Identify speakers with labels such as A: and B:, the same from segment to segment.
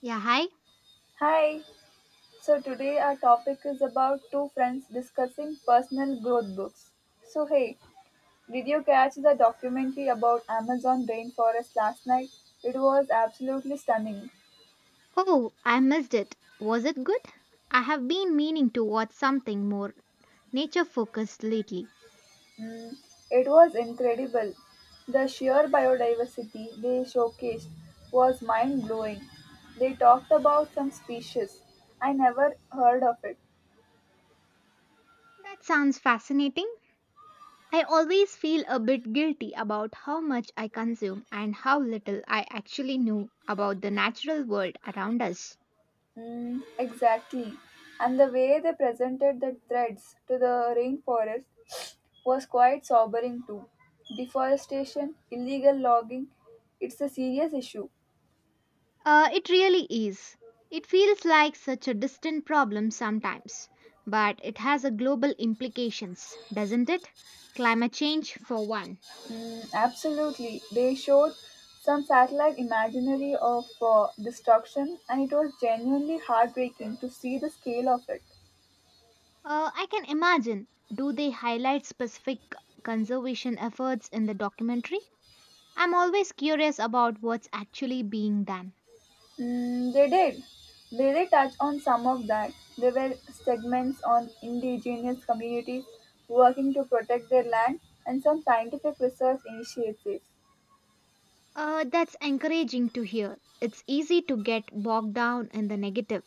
A: Yeah, hi.
B: Hi, so today our topic is about two friends discussing personal growth books. So, hey, did you catch the documentary about Amazon rainforest last night? It was absolutely stunning.
A: Oh, I missed it. Was it good? I have been meaning to watch something more nature focused lately.
B: Mm, it was incredible. The sheer biodiversity they showcased was mind blowing. They talked about some species I never heard of it,
A: That sounds fascinating. I always feel a bit guilty about how much I consume and how little I actually know about the natural world around us.
B: mm, exactly. And the way they presented the threats to the rainforest was quite sobering too. Deforestation, illegal logging, it's a serious issue.
A: It really is. It feels like such a distant problem sometimes, but it has a global implications, doesn't it? Climate change for one.
B: Mm, absolutely. They showed some satellite imagery of destruction and it was genuinely heartbreaking to see the scale of it.
A: I can imagine. Do they highlight specific conservation efforts in the documentary? I'm always curious about what's actually being done.
B: Mm, they did. They did touch on some of that. There were segments on indigenous communities working to protect their land and some scientific research initiatives.
A: That's encouraging to hear. It's easy to get bogged down in the negative,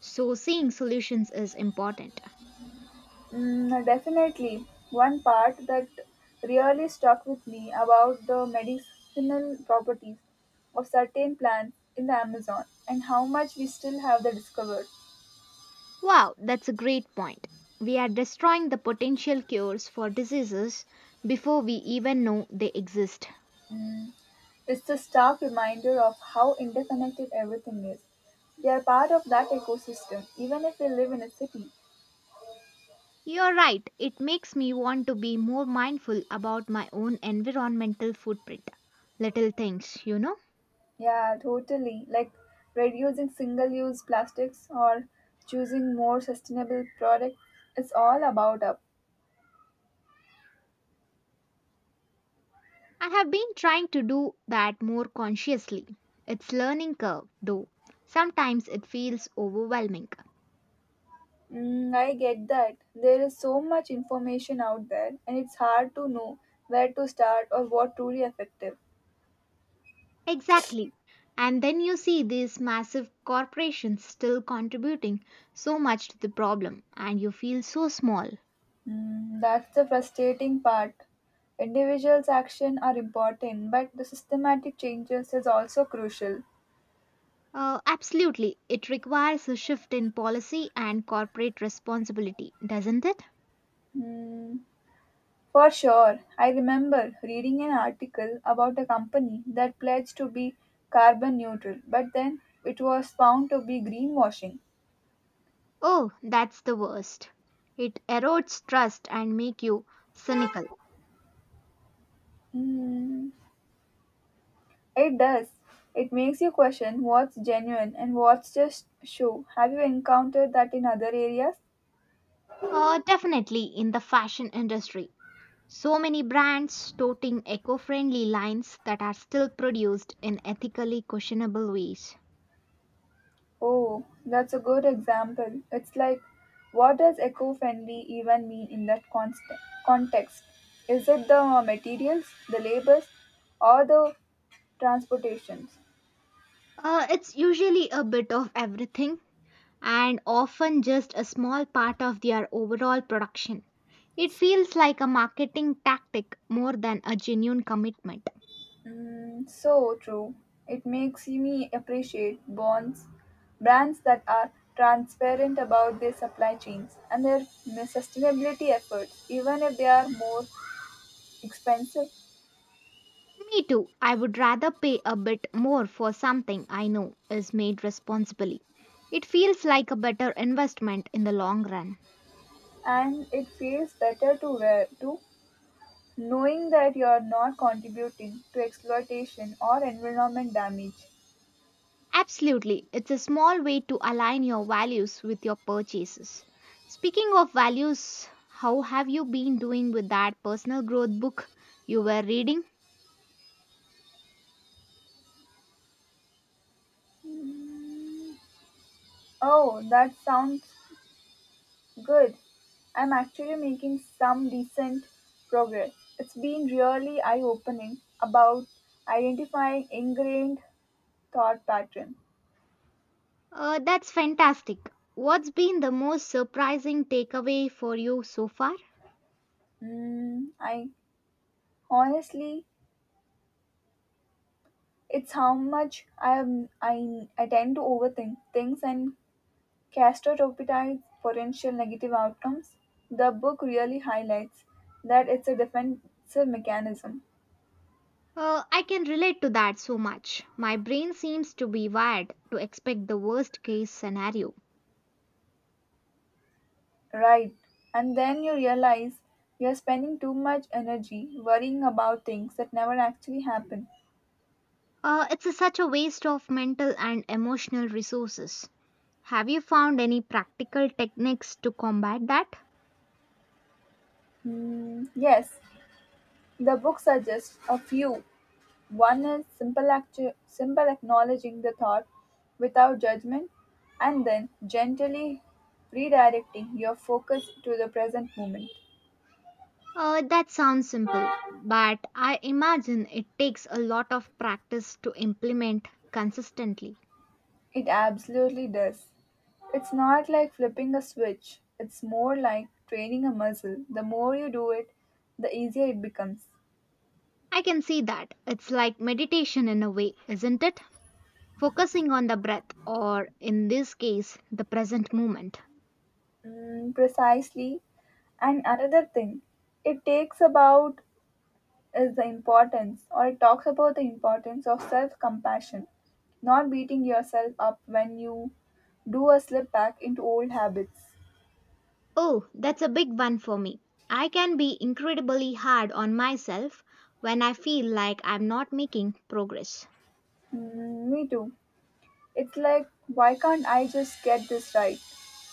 A: so seeing solutions is important.
B: Mm, definitely, one part that really stuck with me about the medicinal properties of certain plants in the Amazon and how much we still have the discovered.
A: Wow, that's a great point. We are destroying the potential cures for diseases before we even know they exist.
B: Mm. It's a stark reminder of how interconnected everything is. We are part of that ecosystem, even if we live in a city.
A: You're right, it makes me want to be more mindful about my own environmental footprint. Little things.
B: Yeah, totally. Like reducing single use plastics or choosing more sustainable products, it's all about up.
A: I have been trying to do that more consciously. It's learning curve though. Sometimes it feels overwhelming.
B: Mm, I get that. There is so much information out there, and it's hard to know where to start or what truly effective.
A: Exactly. And then you see these massive corporations still contributing so much to the problem and you feel so small.
B: Mm, that's the frustrating part. Individuals' action are important, but the systematic changes is also crucial.
A: Absolutely. It requires a shift in policy and corporate responsibility, doesn't it?
B: Hmm, for sure, I remember reading an article about a company that pledged to be carbon neutral, but then it was found to be greenwashing.
A: Oh, that's the worst. It erodes trust and make you cynical.
B: Hmm, it does. It makes you question what's genuine and what's just show. Have you encountered that in other areas?
A: Definitely in the fashion industry. So many brands toting eco-friendly lines that are still produced in ethically questionable ways.
B: Oh, that's a good example. It's like, what does eco friendly even mean in that context? Is it the materials, the labors, or the transportations?
A: It's usually a bit of everything and often just a small part of their overall production. It feels like a marketing tactic more than a genuine commitment.
B: Mm, so true. It makes me appreciate bonds, brands that are transparent about their supply chains and their sustainability efforts, even if they are more expensive.
A: Me too. I would rather pay a bit more for something I know is made responsibly. It feels like a better investment in the long run.
B: And it feels better to wear too knowing that you're not contributing to exploitation or environment damage.
A: Absolutely. It's a small way to align your values with your purchases. Speaking of values, how have you been doing with that personal growth book you were reading?
B: Oh, that sounds good. I'm actually making some decent progress. It's been really eye opening about identifying ingrained thought pattern.
A: That's fantastic. What's been the most surprising takeaway for you so far?
B: Mm, I honestly, it's how much I am. I tend to overthink things and Castrotopytide's potential negative outcomes, the book really highlights that it's a defensive mechanism,
A: I can relate to that so much. My brain seems to be wired to expect the worst case scenario.
B: right? And then you realize you're spending too much energy worrying about things that never actually happen.
A: Such a waste of mental and emotional resources. Have you found any practical techniques to combat that?
B: Hmm, yes, the book suggests a few. One is simple, simple acknowledging the thought without judgment, and then gently redirecting your focus to the present moment.
A: That sounds simple, but I imagine it takes a lot of practice to implement consistently.
B: It absolutely does. It's not like flipping a switch, it's more like training a muscle. The more you do it, the easier it becomes.
A: I can see that. It's like meditation in a way, isn't it? Focusing on the breath, or in this case, the present moment.
B: Mm, precisely. And another thing it takes about is the importance, or it talks about the importance of self compassion, not beating yourself up when you do a slip back into old habits.
A: Oh, that's a big one for me. I can be incredibly hard on myself when I feel like I'm not making progress.
B: Mm, me too. It's like, why can't I just get this right?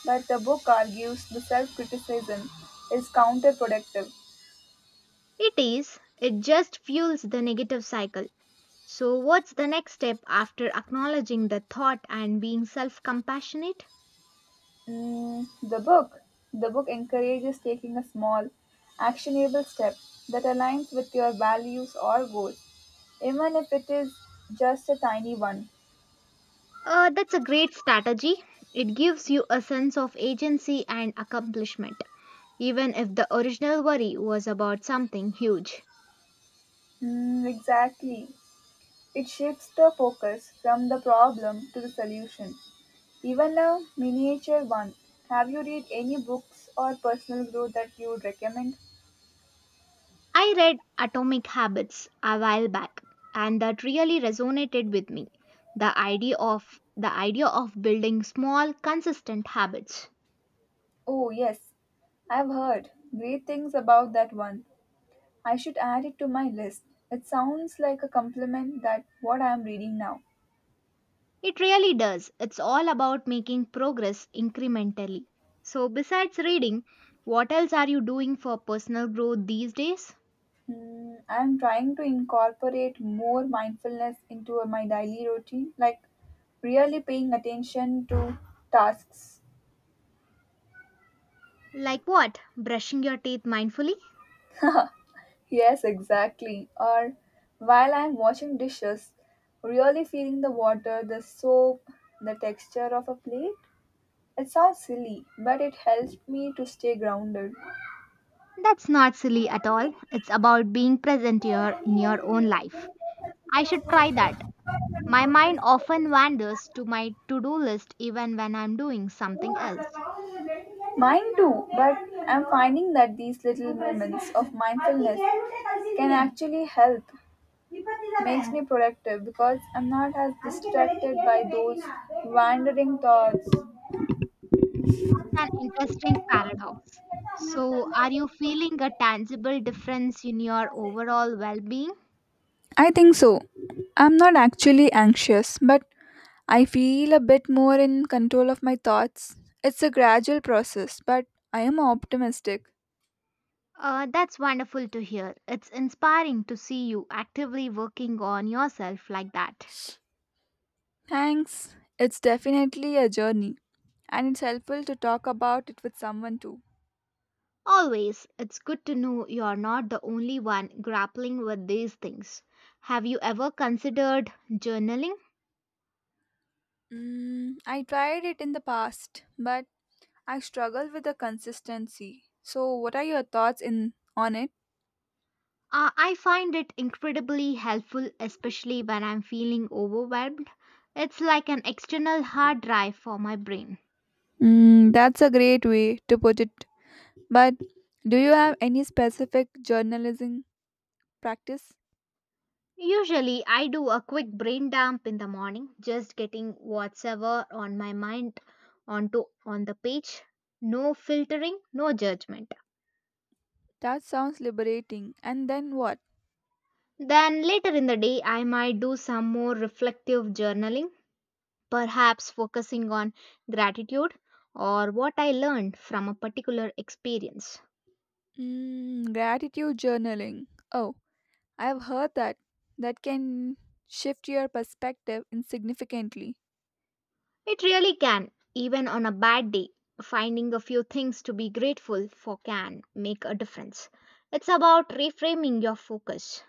B: But the book argues the self criticism is counterproductive.
A: It is, it just fuels the negative cycle. So, what's the next step after acknowledging the thought and being self compassionate?
B: Mm, the book encourages taking a small, actionable step that aligns with your values or goals, even if it is just a tiny one.
A: That's a great strategy. It gives you a sense of agency and accomplishment, even if the original worry was about something huge.
B: Mm, exactly. It shifts the focus from the problem to the solution, even a miniature one. Have you read any books or personal growth that you would recommend?
A: I read Atomic Habits a while back and that really resonated with me. The idea of building small consistent habits.
B: Oh, yes, I've heard great things about that one. I should add it to my list. It sounds like a compliment that what I am reading now.
A: It really does. It's all about making progress incrementally. So besides reading, what else are you doing for personal growth these days?
B: Hmm, I am trying to incorporate more mindfulness into my daily routine, like really paying attention to tasks.
A: Like what? Brushing your teeth mindfully?
B: Yes, exactly. Or while I'm washing dishes, really feeling the water, the soap, the texture of a plate. It sounds silly, but it helps me to stay grounded.
A: That's not silly at all. It's about being present here in your own life. I should try that. My mind often wanders to my to do list even when I'm doing something else. It's
B: Mine too, but I'm finding that these little moments of mindfulness can actually help. Makes me productive because I'm not as distracted by those wandering thoughts.
A: an interesting paradox. So, are you feeling a tangible difference in your overall well being?
B: I think so. I'm not actually anxious, but I feel a bit more in control of my thoughts. It's a gradual process, but I am optimistic.
A: That's wonderful to hear. It's inspiring to see you actively working on yourself like that.
B: Thanks. It's definitely a journey, and it's helpful to talk about it with someone too.
A: Always, it's good to know you're not the only one grappling with these things. Have you ever considered journaling?
B: Mm, I tried it in the past, but I struggle with the consistency. So, what are your thoughts in on it?
A: I find it incredibly helpful, especially when I'm feeling overwhelmed. It's like an external hard drive for my brain.
B: Mm, that's a great way to put it. But do you have any specific journalism practice?
A: Usually, I do a quick brain dump in the morning, just getting whatever on my mind onto on the page. No filtering, no judgment.
B: That sounds liberating. And then what?
A: Then later in the day, I might do some more reflective journaling, perhaps focusing on gratitude or what I learned from a particular experience.
B: Mm, gratitude journaling. Oh, I've heard that. That can shift your perspective insignificantly.
A: It really can, even on a bad day. Finding a few things to be grateful for can make a difference. It's about reframing your focus.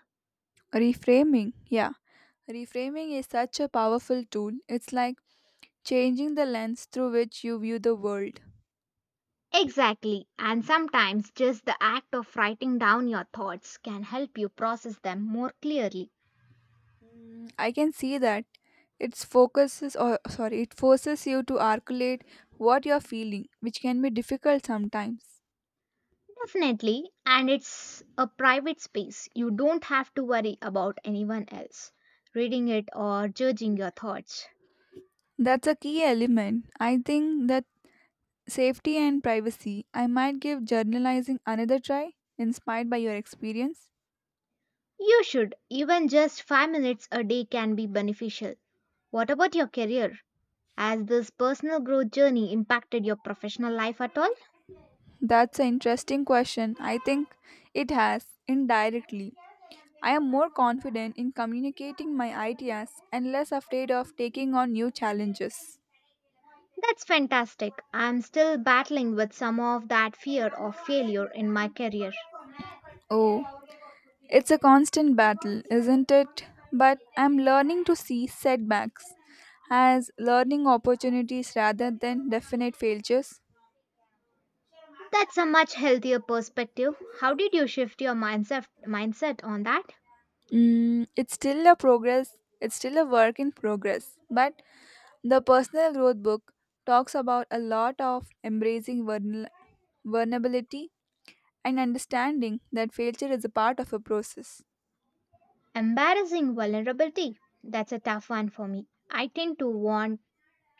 B: Reframing. Yeah. Reframing is such a powerful tool. It's like changing the lens through which you view the world.
A: Exactly, and sometimes just the act of writing down your thoughts can help you process them more clearly.
B: I can see that. It focuses or sorry, it forces you to articulate what you're feeling, which can be difficult sometimes.
A: Definitely, and it's a private space. You don't have to worry about anyone else reading it or judging your thoughts.
B: That's a key element. I think that safety and privacy, I might give journalizing another try, inspired by your experience?
A: You should, even just 5 minutes a day can be beneficial. What about your career? Has this personal growth journey impacted your professional life at all?
B: That's an interesting question. I think it has, indirectly. I am more confident in communicating my ideas and less afraid of taking on new challenges.
A: That's fantastic. I'm still battling with some of that fear of failure in my career.
B: Oh, it's a constant battle, isn't it? But I'm learning to see setbacks as learning opportunities rather than definite failures.
A: That's a much healthier perspective. How did you shift your mindset on that?
B: Mm, it's still a progress. It's still a work in progress. But the personal growth book talks about a lot of embracing vulnerability and understanding that failure is a part of a process.
A: Embarrassing vulnerability. That's a tough one for me. I tend to want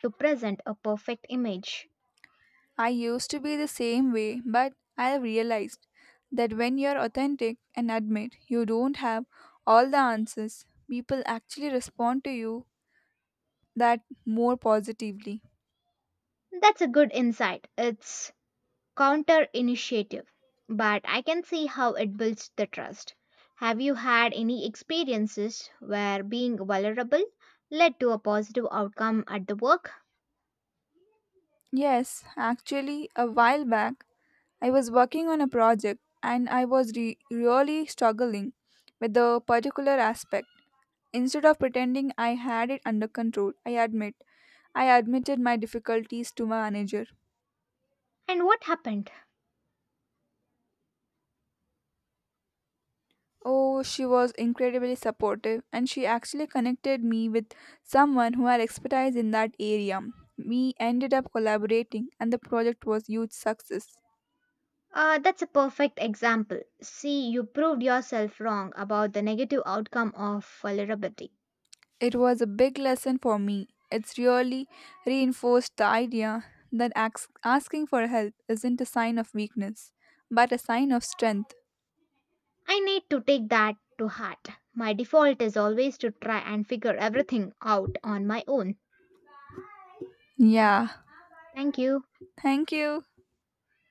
A: to present a perfect image.
B: I used to be the same way, but I have realized that when you're authentic and admit you don't have all the answers, people actually respond to you that more positively.
A: That's a good insight. It's counter initiative, but I can see how it builds the trust. Have you had any experiences where being vulnerable led to a positive outcome at the work?
B: Yes, actually, a while back I was working on a project and I was really struggling with a particular aspect. Instead of pretending I had it under control, I admitted my difficulties to my manager.
A: And what happened?
B: Oh, she was incredibly supportive and she actually connected me with someone who had expertise in that area. We ended up collaborating and the project was huge success.
A: That's a perfect example. See, you proved yourself wrong about the negative outcome of vulnerability.
B: It was a big lesson for me. It's really reinforced the idea that asking for help isn't a sign of weakness, but a sign of strength.
A: I need to take that to heart. My default is always to try and figure everything out on my own. Yeah,
B: Yeah,
A: thank you.
B: thank you.